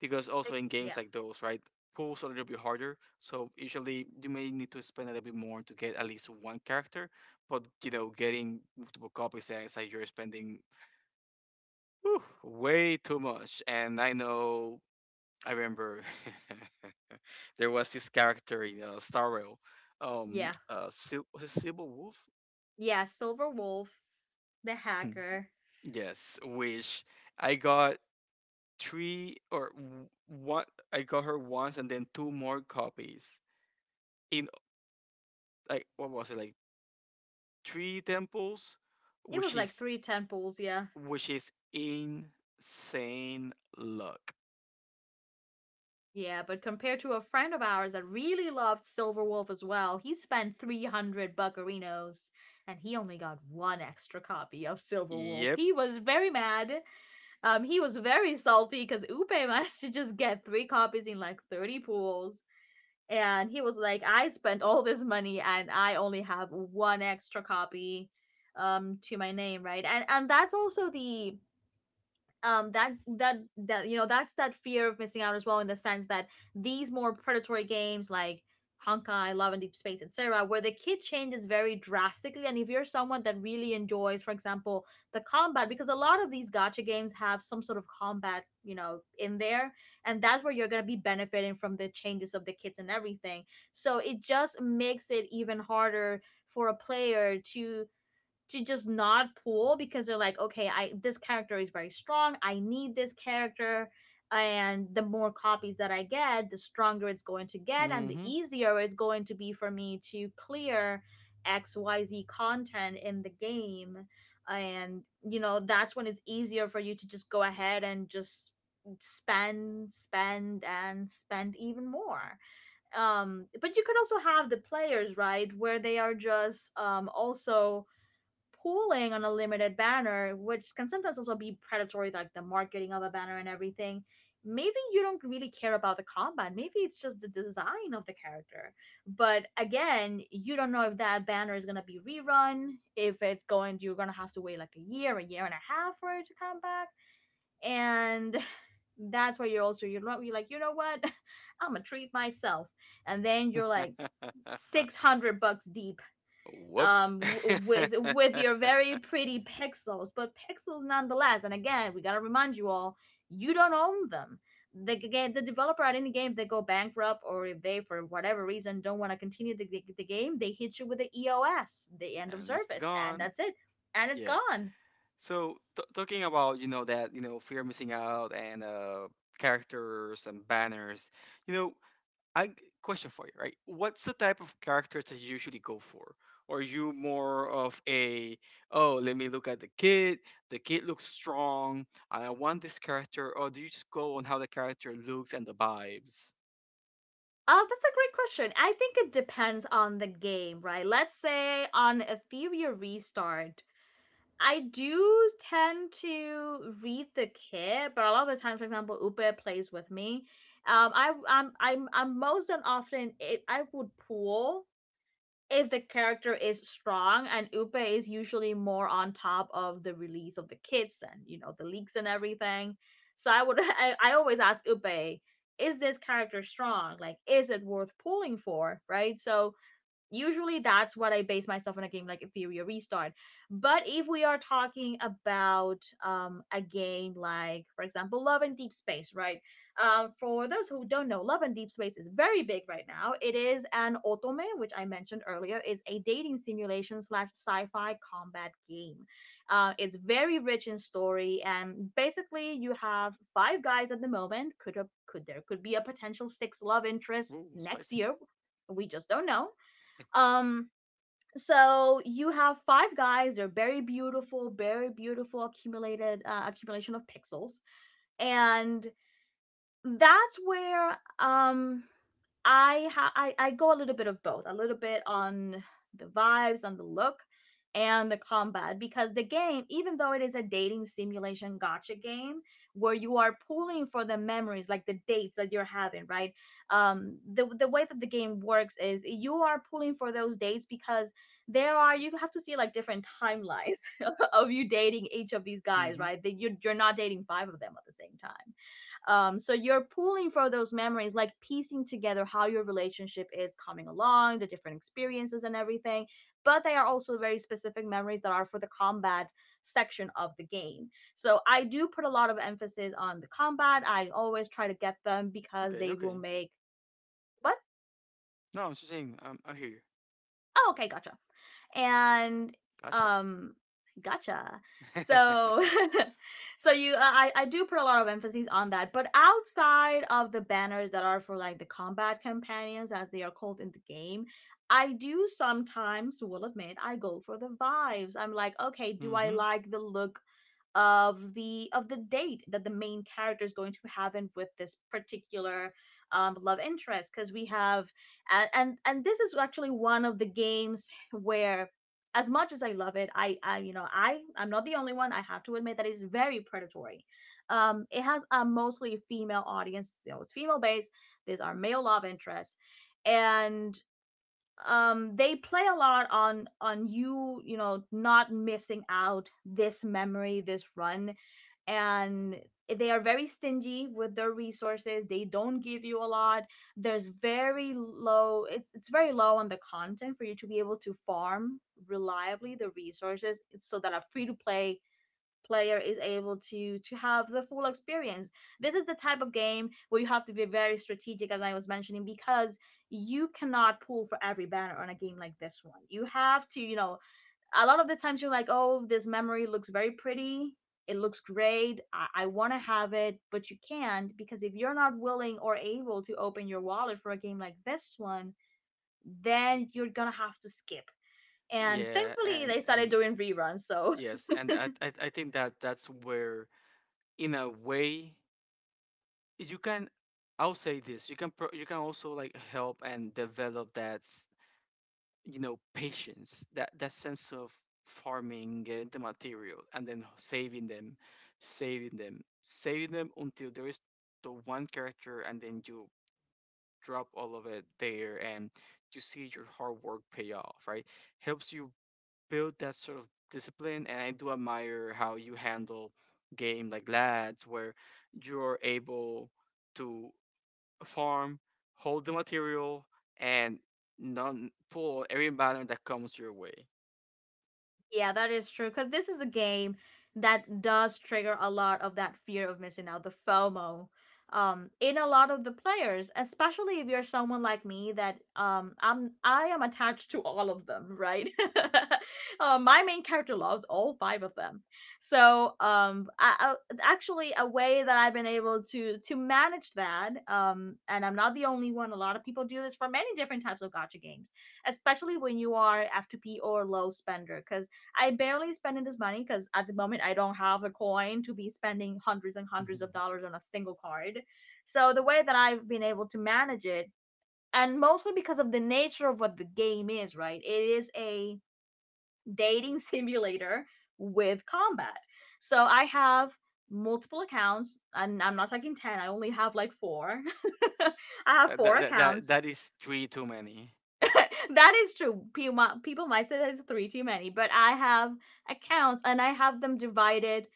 Because also Like, in games yeah. like those, right, pools are a little bit harder. So usually you may need to spend a little bit more to get at least one character. But you know, getting multiple copies and it's like you're spending whew, way too much. And I know I remember there was this character in Star Rail, Yeah. Was it Silver Wolf? Yeah. Silver Wolf, the Hmm. hacker. Yes, which I got one I got her once and then two more copies in like what was it like three temples, It was which like is, three temples. Yeah. which is insane luck. Yeah, but compared to a friend of ours that really loved Silver Wolf as well, he spent 300 buccarinos and he only got one extra copy of Silver Wolf. Yep. He was very mad. He was very salty because Upe managed to just get three copies in like 30 pools. And he was like, "I spent all this money and I only have one extra copy to my name, right?" And that's also the, that's that fear of missing out as well, in the sense that these more predatory games like Honkai, Love and Deep Space, etc., where the kid changes very drastically. And if you're someone that really enjoys, for example, the combat, because a lot of these gacha games have some sort of combat, you know, in there, and that's where you're gonna be benefiting from the changes of the kids and everything. So it just makes it even harder for a player to just not pull because they're like, "Okay, I this character is very strong. I need this character, and the more copies that I get, the stronger it's going to get, and the Mm-hmm. easier it's going to be for me to clear XYZ content in the game." And you know, that's when it's easier for you to just go ahead and just spend and spend even more, but you could also have the players, right, where they are just also pooling on a limited banner, which can sometimes also be predatory, like the marketing of a banner and everything. Maybe you don't really care about the combat. Maybe it's just the design of the character. But again, you don't know if that banner is gonna be rerun, if it's going you're gonna have to wait like a year and a half for it to come back. And that's where you're also you're like, you know what? I'm gonna treat myself. And then you're like $600 deep Whoops. With And your very pretty pixels, but pixels nonetheless. And again, we got to remind you all, you don't own them. The game, the developer, at any game, they go bankrupt or if they for whatever reason don't want to continue the game, they hit you with the EOS, the end of it's service, and gone. that's it. And it's Yeah, gone. so talking about, you know, that, you know, fear of missing out and characters and banners, you know, I g- question for you, right? What's the type of characters that you usually go for? Are you more of a, oh, let me look at the kid. The kid looks strong, and I want this character, or do you just go on how the character looks and the vibes? Uh, that's a great question. I think it depends on the game, right? Let's say on Ethereum Restart, I do tend to read the kid, but a lot of the time, for example, Uber plays with me. I I'm most and often, it I would pull if the character is strong, and Uber is usually more on top of the release of the kits and, you know, the leaks and everything. So I would, I always ask Uber, "Is this character strong? Like, is it worth pulling for?" Right. So usually that's what I base myself on, a game like Ethereum Restart. But if we are talking about a game like, for example, Love and Deep Space, right? For those who don't know, Love and Deep Space is very big right now. It is an otome, which I mentioned earlier, is a dating simulation slash sci-fi combat game. It's very rich in story, and basically you have five guys at the moment. Could, a, could There could be a potential six love interest Ooh, next spicy. year, we just don't know. um, so you have five guys. They're very beautiful accumulated accumulation of pixels, and that's where, I ha- I go a little bit of both, a little bit on the vibes, on the look, and the combat, because the game, even though it is a dating simulation gotcha game where you are pulling for the memories, like the dates that you're having, right? The way that the game works is, you are pulling for those dates because there are you have to see like different timelines of you dating each of these guys, Mm-hmm. right? That you, you're not dating five of them at the same time. So, you're pulling for those memories, like piecing together how your relationship is coming along, the different experiences and everything. But they are also very specific memories that are for the combat section of the game. So I do put a lot of emphasis on the combat. I always try to get them because Okay, they will okay. make — what? No, I'm just saying. I hear you. Oh, okay, gotcha. And, Gotcha. um gotcha. So so you, I do put a lot of emphasis on that. But outside of the banners that are for like the combat companions, as they are called in the game, I do sometimes, will admit, I go for the vibes. I'm like, okay, do I Mm-hmm. like the look of the date that the main character is going to have in with this particular, love interest. Because we have — and, and this is actually one of the game's where as much as I love it, I, you know, I'm not the only one. I have to admit that it's very predatory. It has a mostly female audience. You know, it's female based. These are male love interests, and they play a lot on you know, not missing out this memory, this run. And they are very stingy with their resources. They don't give you a lot. There's very low, it's very low on the content for you to be able to farm reliably the resources so that a free to play player is able to have the full experience. This is the type of game where you have to be very strategic, as I was mentioning, because you cannot pull for every banner on a game like this one. You have to, you know, a lot of the times you're like, "Oh, this memory looks very pretty. It looks great. I want to have it," but you can't, because if you're not willing or able to open your wallet for a game like this one, then you're going to have to skip. And Yeah, thankfully, they started and doing reruns, so — yes, and I think that that's where, in a way, you can, I'll say this, you can you can also like help and develop you know, patience, that that sense of farming, getting the material, and then saving them, saving them until there is the one character, and then you drop all of it there, and you see your hard work pay off, right? Helps you build that sort of discipline. And I do admire how you handle game like Lads, where you're able to farm, hold the material, and non pull every banner that comes your way. Yeah, that is true. Because this is a game that does trigger a lot of that fear of missing out, the FOMO, in a lot of the players, especially if you're someone like me that I am attached to all of them, right? My main character loves all five of them. So actually, a way that I've been able to manage that, and I'm not the only one. A lot of people do this for many different types of gotcha games, especially when you are F2P or low spender, because I barely spending this money because at the moment I don't have a coin to be spending hundreds and hundreds of dollars on a single card. So the way that I've been able to manage it, and mostly because of the nature of what the game is, right? It is a dating simulator with combat. So I have multiple accounts, and I'm not talking 10, I only have like four. I have four that that that accounts. that is three too many. That is true. People might say that it's three too many, but I have accounts and I have them divided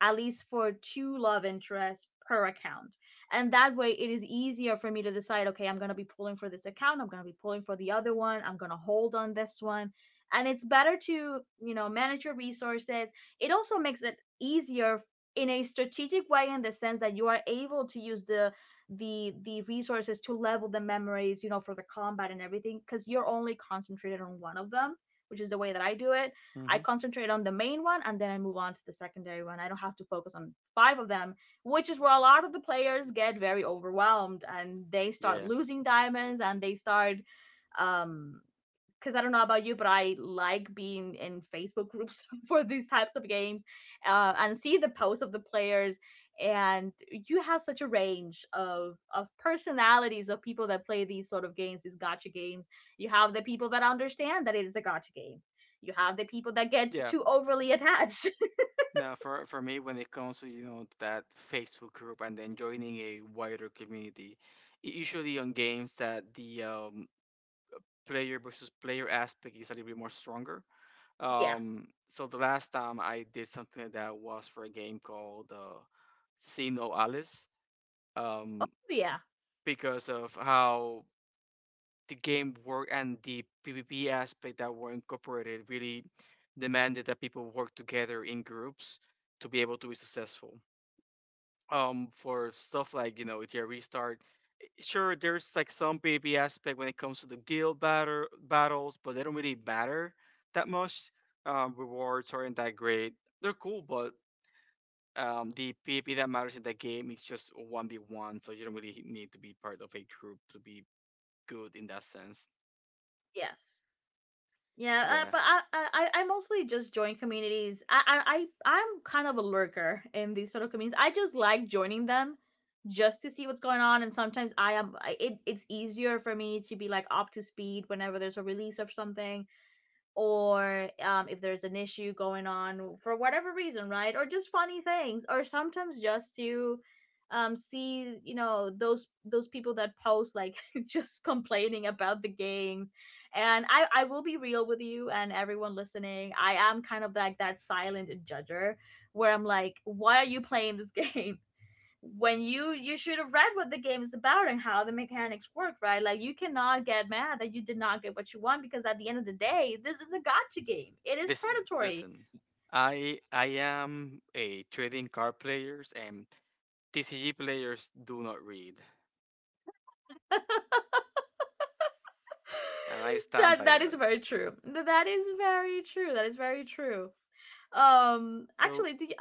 at least for two love interests per account. And that way it is easier for me to decide, okay, I'm going to be pulling for this account, I'm going to be pulling for the other one, I'm going to hold on this one. And it's better to, you know, manage your resources. It also makes it easier in a strategic way in the sense that you are able to use the the resources to level the memories, you know, for the combat and everything, because you're only concentrated on one of them, which is the way that I do it. I Hmm. concentrate on the main one and then I move on to the secondary one. I don't have to focus on five of them, which is where a lot of the players get very overwhelmed and they start Yeah, losing diamonds and they start um because I don't know about you, but I like being in Facebook groups for these types of games, and see the posts of the players. And you have such a range of personalities of people that play these sort of games, these gotcha games. You have the people that understand that it is a gotcha game. You have the people that get yeah. too overly attached. Now for me, when it comes to, you know, that Facebook group and then joining a wider community, usually on games that the player versus player aspect is a little bit more stronger. Yeah. So the last time I did something like that was for a game called See No Alice. Oh Um, yeah. because of how the game worked and the PvP aspect that were incorporated really demanded that people work together in groups to be able to be successful. For stuff like, you know, if you restart, sure, there's like some PvP aspect when it comes to the guild batter battles, but they don't really matter that much. Rewards aren't that great. They're cool, but the PvP that matters in that game is just one v one, so you don't really need to be part of a group to be good in that sense. Yes. Yeah, uh, Yeah. but I, I I I mostly just join communities. I'm kind of a lurker in these sort of communities. I just like joining them, just to see what's going on. And sometimes I am I, it. It's easier for me to be like up to speed whenever there's a release of something or if there's an issue going on for whatever reason, right? Or just funny things, or sometimes just to see, you know, those people that post like just complaining about the games. And I will be real with you and everyone listening. I am kind of like that silent judger where I'm like, why are you playing this game? When you should have read what the game is about and how the mechanics work, right? Like you cannot get mad that you did not get what you want, because at the end of the day this is a gotcha game, it is Listen, predatory. listen. I am a trading card players, and TCG players do not read, and I stand that by that that. is very true. That is very true. That is very true. So Actually the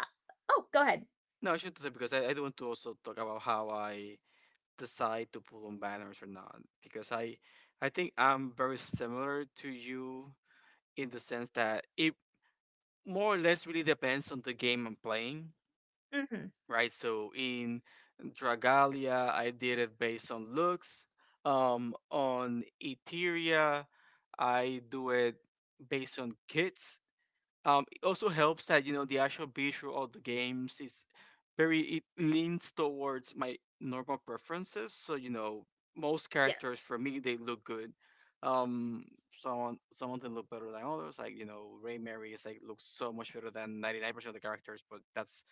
Oh, go ahead. no, I shouldn't say because I do want to also talk about how I decide to pull on banners or not, because I think I'm very similar to you in the sense that it more or less really depends on the game I'm playing, Hmm. right? So in Dragalia, I did it based on looks. On Eteria, I do it based on kits. It also helps that, you know, the actual visual of the games is very, it leans towards my normal preferences. So, you know, most Yes. characters for me they look good. Um, some of them look better than others. Like, you know, Ray Mary is like looks so much better than 99% of the characters, but that's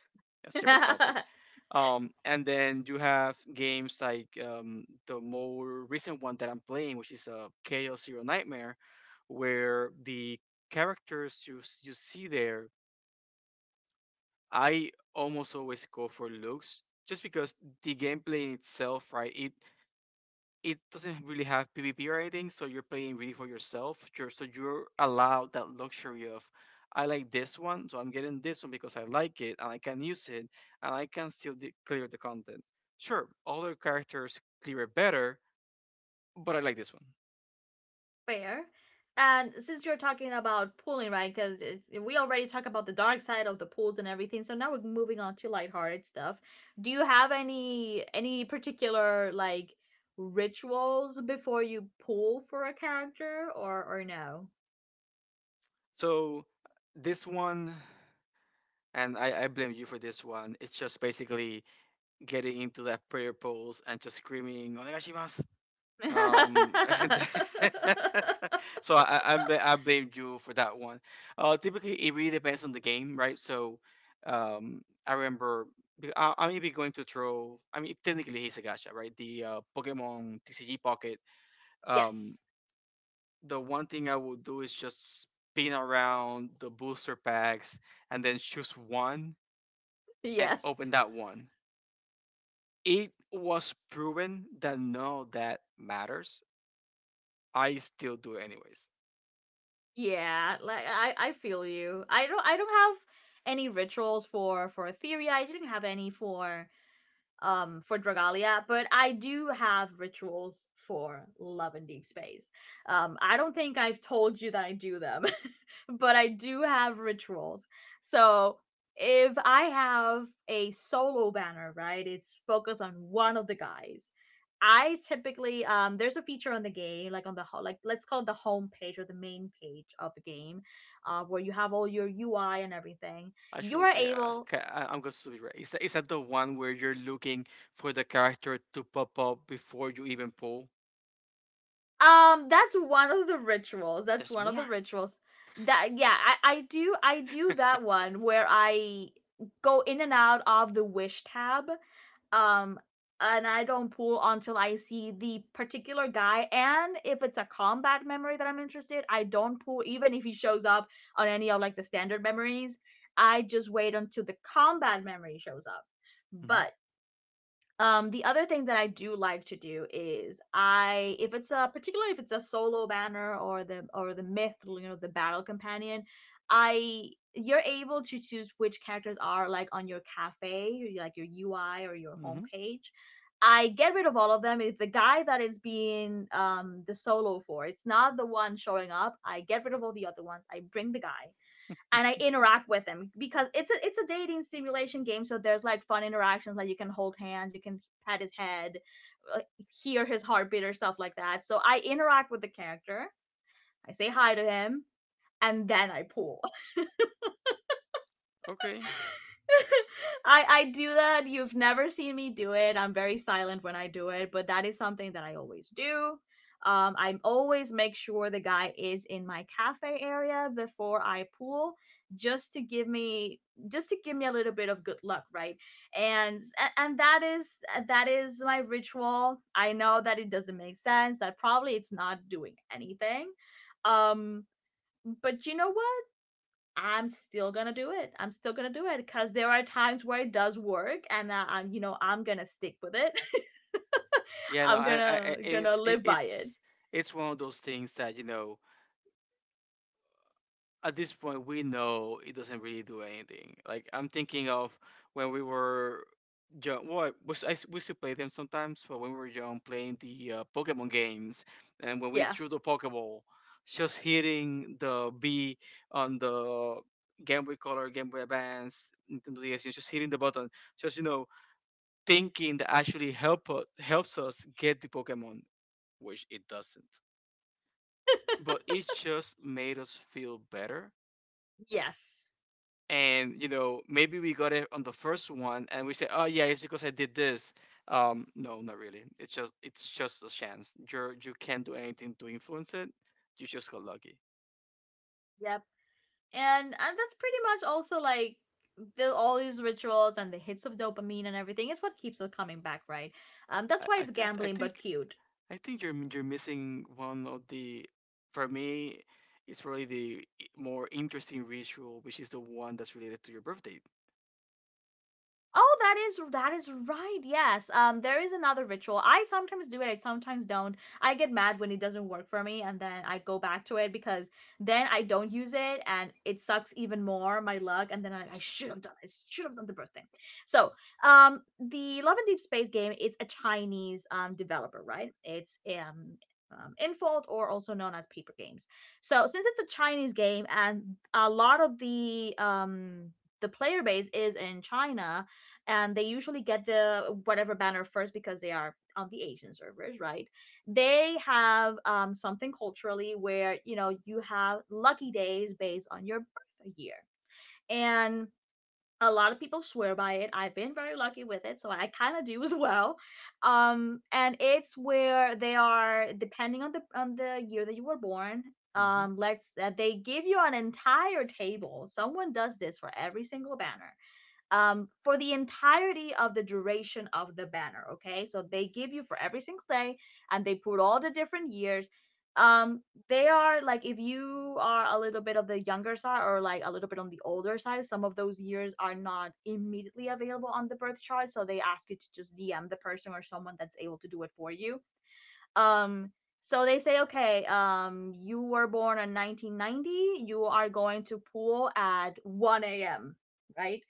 a separate topic. And then you have games like the more recent one that I'm playing, which is kl Zero Nightmare, where the characters you you see there, I almost always go for looks, just because the gameplay in itself, right? It doesn't really have PvP or anything, so you're playing really for yourself. You're, so you're allowed that luxury of, I like this one, so I'm getting this one because I like it and I can use it, and I can still clear the content. Sure, other characters clear it better, but I like this one. Fair. And since you're talking about pooling, right? Because we already talked about the dark side of the pools and everything, so now we're moving on to lighthearted stuff. Do you have any particular like rituals before you pool for a character, or no? So this one, and I blame you for this one. It's just basically getting into that prayer pose and just screaming "Onegashimasu," and then- so I blamed you for that one. Typically it really depends on the game, right? So, I remember be- I may be going to throw. I mean, technically he's a gacha, right? The Pokemon TCG Pocket. Um, Yes, the one thing I would do is just spin around the booster packs and then choose one and yes, open that one. It was proven that none of that matters. I still do it anyways. yeah. Like I feel you. I don't have any rituals for Etheria. I didn't have any for Dragalia, but I do have rituals for Love in deep Space. Um, I don't think I've told you that I do them, but I do have rituals. So if I have a solo banner, right, it's focused on one of the guys. I typically there's a feature on the game, like on the like let's call it the home page or the main page of the game, where you have all your UI and everything. You Actually, are okay, able okay, I'm going to be right. Is that the one where you're looking for the character to pop up before you even pull? That's one of the rituals. That's There's one of the more. rituals. That, yeah, I do that one where I go in and out of the wish tab. Um and I don't pull until I see the particular guy, and if it's a combat memory that I'm interested, I don't pull even if he shows up on any of like the standard memories. I just wait until the combat memory shows up. Mm-hmm. But the other thing that I do like to do is if it's a particularly if it's a solo banner or the myth, you know, the battle companion, I you're able to choose which characters are like on your cafe, like your UI or your Mm-hmm. homepage. I get rid of all of them. It's the guy that is being the solo for. It's not the one showing up. I get rid of all the other ones. I bring the guy and I interact with him because it's a dating simulation game. So there's like fun interactions, like you can hold hands, you can pat his head, like, hear his heartbeat or stuff like that. So I interact with the character. I say hi to him, and then I pull. Okay. I do that. You've never seen me do it. I'm very silent when I do it, but that is something that I always do. I always make sure the guy is in my cafe area before I pool, just to give me just to give me a little bit of good luck, right? And and that is my ritual. I know that it doesn't make sense. That probably it's not doing anything. Um, but you know what? I'm still gonna do it. I'm still gonna do it because there are times where it does work, and you know, I'm gonna stick with it. Yeah, no, I'm I, I, I- gonna gonna it, it, live by it. it's, it's one of those things that, you know, at this point we know it doesn't really do anything. Like I'm thinking of when we were young. Well, we, s- I s- we still play them sometimes, but when we were young, playing the Pokemon games, and when we Yeah. threw the Pokeball, just hitting the B on the Game Boy Color, Game Boy Advance, Nintendo DS, and just hitting the button, just, you know, thinking that actually helps us get the Pokemon, which it doesn't. But it just made us feel better, Yes. and, you know, maybe we got it on the first one and we say, oh yeah, it's because I did this. No, not really, it's just, it's just a chance. You're, you can't do anything to influence it. You just got lucky. Yep. And that's pretty much also like the, all these rituals and the hits of dopamine and everything is what keeps us coming back, right? I That's why i, it's th- I gambling but think cute. I think you're missing one of the, for me it's really the more interesting ritual, which is the one that's related to your birthday. Oh, that is right. Yes. There is another ritual. I sometimes do it. I sometimes don't. I get mad when it doesn't work for me, and then I go back to it because then I don't use it, and it sucks even more my luck. And then I should have done. I should have done the birthday. So, the Love and Deep Space game. It's a Chinese developer, right? It's. Infold, or also known as Paper Games. So, since it's a Chinese game and a lot of the player base is in China, and they usually get the whatever banner first because they are on the Asian servers, right? They have something culturally where you know you have lucky days based on your birth year, and a lot of people swear by it. I've been very lucky with it, so I kind of do as well. And it's where they are depending on the year that you were born. Mm-hmm. Let's that they give you an entire table. Someone does this for every single banner for the entirety of the duration of the banner. Okay, so they give you for every single day, and they put all the different years. Um, they are like if you are a little bit of the younger side or like a little bit on the older side, some of those years are not immediately available on the birth chart, so they ask you to just DM the person or someone that's able to do it for you. Um, so they say, okay, you were born in 1990. You are going to pool at 1 a.m. Right?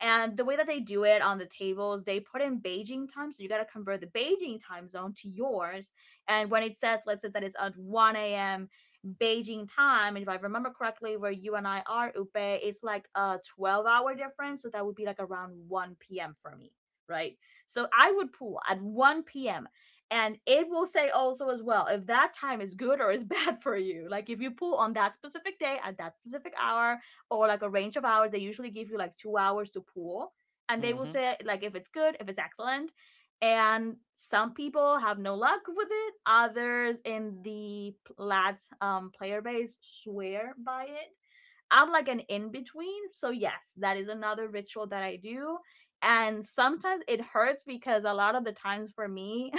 And the way that they do it on the tables, they put in Beijing time. So you got to convert the Beijing time zone to yours. And when it says, let's say that it's at 1 a.m. Beijing time, and if I remember correctly, where you and I are, Upe, it's like a 12-hour difference. So that would be like around 1 p.m. for me. Right. So I would pool at 1 p.m., and it will say also as well if that time is good or is bad for you, like if you pull on that specific day at that specific hour, or like a range of hours. They usually give you like 2 hours to pull, and they will say like if it's good, if it's excellent. And some people have no luck with it, others in the lads player base swear by it. I'm like an in between. So, yes, that is another ritual that I do. And sometimes it hurts because a lot of the times for me,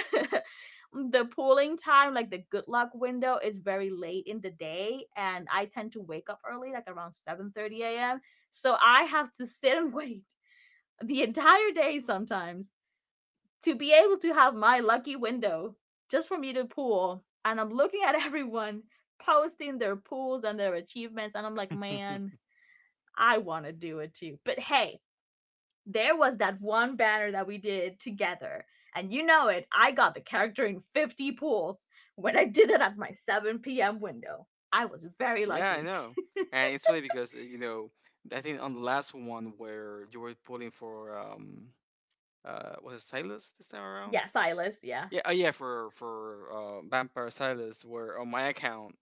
the pooling time, like the good luck window, is very late in the day. And I tend to wake up early, like around 7:30 a.m. So, I have to sit and wait the entire day sometimes to be able to have my lucky window just for me to pool. And I'm looking at everyone posting their pools and their achievements, and I'm like, man, Mm-hmm. I want to do it too. But hey, there was that one banner that we did together. And you know it, I got the character in 50 pools when I did it at my 7 p.m. window. I was very Yeah, I lucky. know. And it's funny because, you know, I think on the last one where you were pulling for was it Silas this time around? Yes, Silas, yeah. Yeah, oh yeah, for Vampire Silas, where on my account,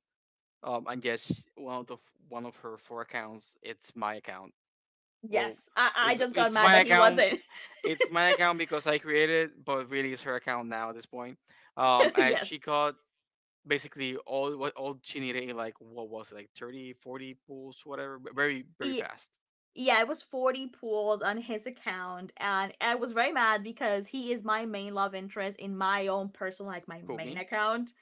I guess one of her 4 accounts, it's my account. Well, Yes, I it's just got it's mad my that he account, wasn't. it's my account because I created it, but really it's her account now at this point. And Yes. she got basically all what all she needed in like what was it, like 30, 40 pulls whatever, very very E- fast. yeah, it was 40 pools on his account, and I was very mad because he is my main love interest in my own personal, like my Pull main me. account.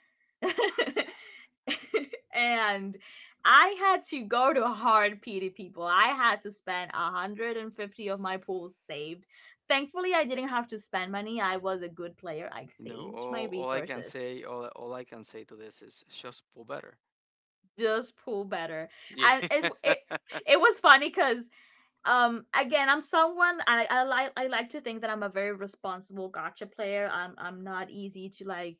And I had to go to hard PD people. I had to spend 150 of my pools saved. Thankfully, I didn't have to spend money. I was a good player. I You know, saved my all I can resources. say, all I can say to this is just pull better. Just pool better. Yeah. And it was funny because again, I'm someone. I like to think that I'm a very responsible Gacha player. I'm not easy to like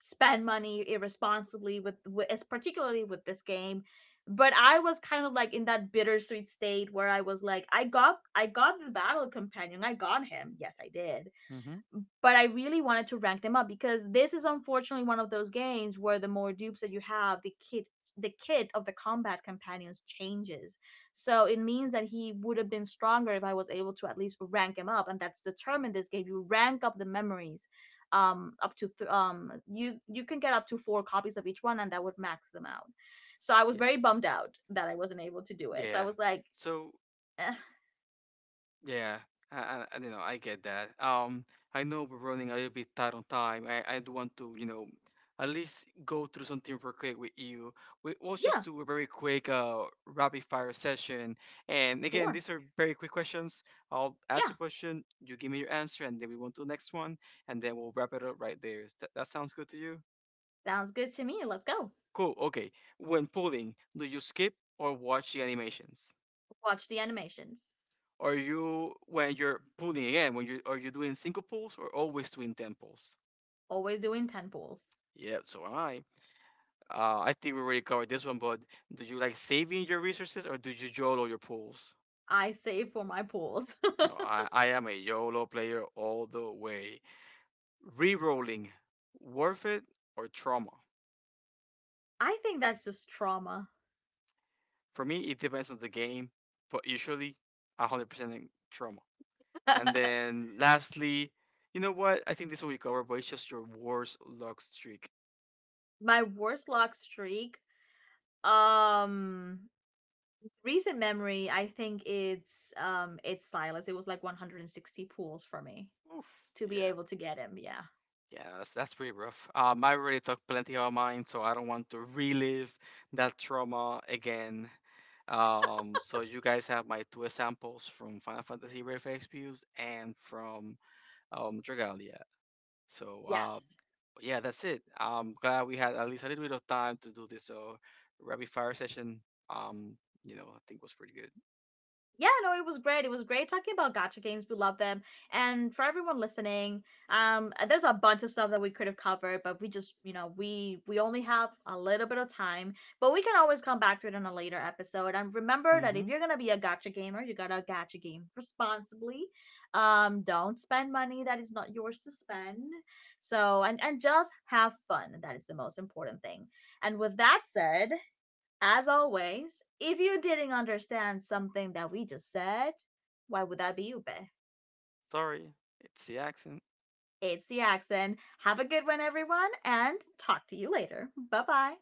spend money irresponsibly with, particularly with this game. But I was kind of like in that bittersweet state where I was like, I got the battle companion, I got him. Yes, I did. Hmm. But I really wanted to rank them up because this is unfortunately one of those games where the more dupes that you have, the kit of the combat companions changes. So it means that he would have been stronger if I was able to at least rank him up, and that's determined this game. You rank up the memories, up to you can get up to four copies of each one, and that would max them out. So I was Yeah. very bummed out that I wasn't able to do it. So I Yeah. was like, So eh, yeah, I don't know. I get that. I know we're running a little bit tight on time. I I'd want to, you know, at least go through something real quick with you. We'll yeah, just do a very quick rapid fire session. And again, sure, these are very quick questions. I'll ask yeah, a question, you give me your answer, and then we want to the next one, and then we'll wrap it up right there. Is that, that sounds good to you? sounds good to me. Let's go Cool. Okay. When pulling, do you skip or watch the animations? watch the animations. Are you when you're pulling again? When you are you doing single pulls or always doing 10 pulls? Always doing 10 pools. Yep, so am I. I think we already covered this one, but do you like saving your resources or do you YOLO your pulls? I save for my pools. No, I am a YOLO player all the way. Rerolling, worth it or trauma? I think that's just trauma. For me, it depends on the game, but usually 100% in trauma. And then lastly, you know what? I think this will be covered, but it's just your worst luck streak. My worst luck streak, um recent memory, I think it's Silas. It was like 160 pools for me Oof. to be Yeah, able to get him. Yeah. yeah, that's pretty rough. I already talked plenty about mine, so I don't want to relive that trauma again. So you guys have my 2 examples from Final Fantasy Brave Exvius and from Dragalia. So Yes. yeah, that's it. I'm glad we had at least a little bit of time to do this rapid fire session. Um, you know, I think was pretty good. Yeah, no, it was great. It was great talking about gotcha games. We love them. And for everyone listening, there's a bunch of stuff that we could have covered, but we just, we only have a little bit of time. But we can always come back to it in a later episode. And remember that if Mm-hmm. you're gonna be a gotcha gamer, you gotta gotcha game responsibly. Don't spend money that is not yours to spend. So and just have fun. That is the most important thing. And with that said, as always, if you didn't understand something that we just said, why would that be you, Be? Sorry, it's the accent. It's the accent. Have a good one, everyone, and talk to you later. Bye bye.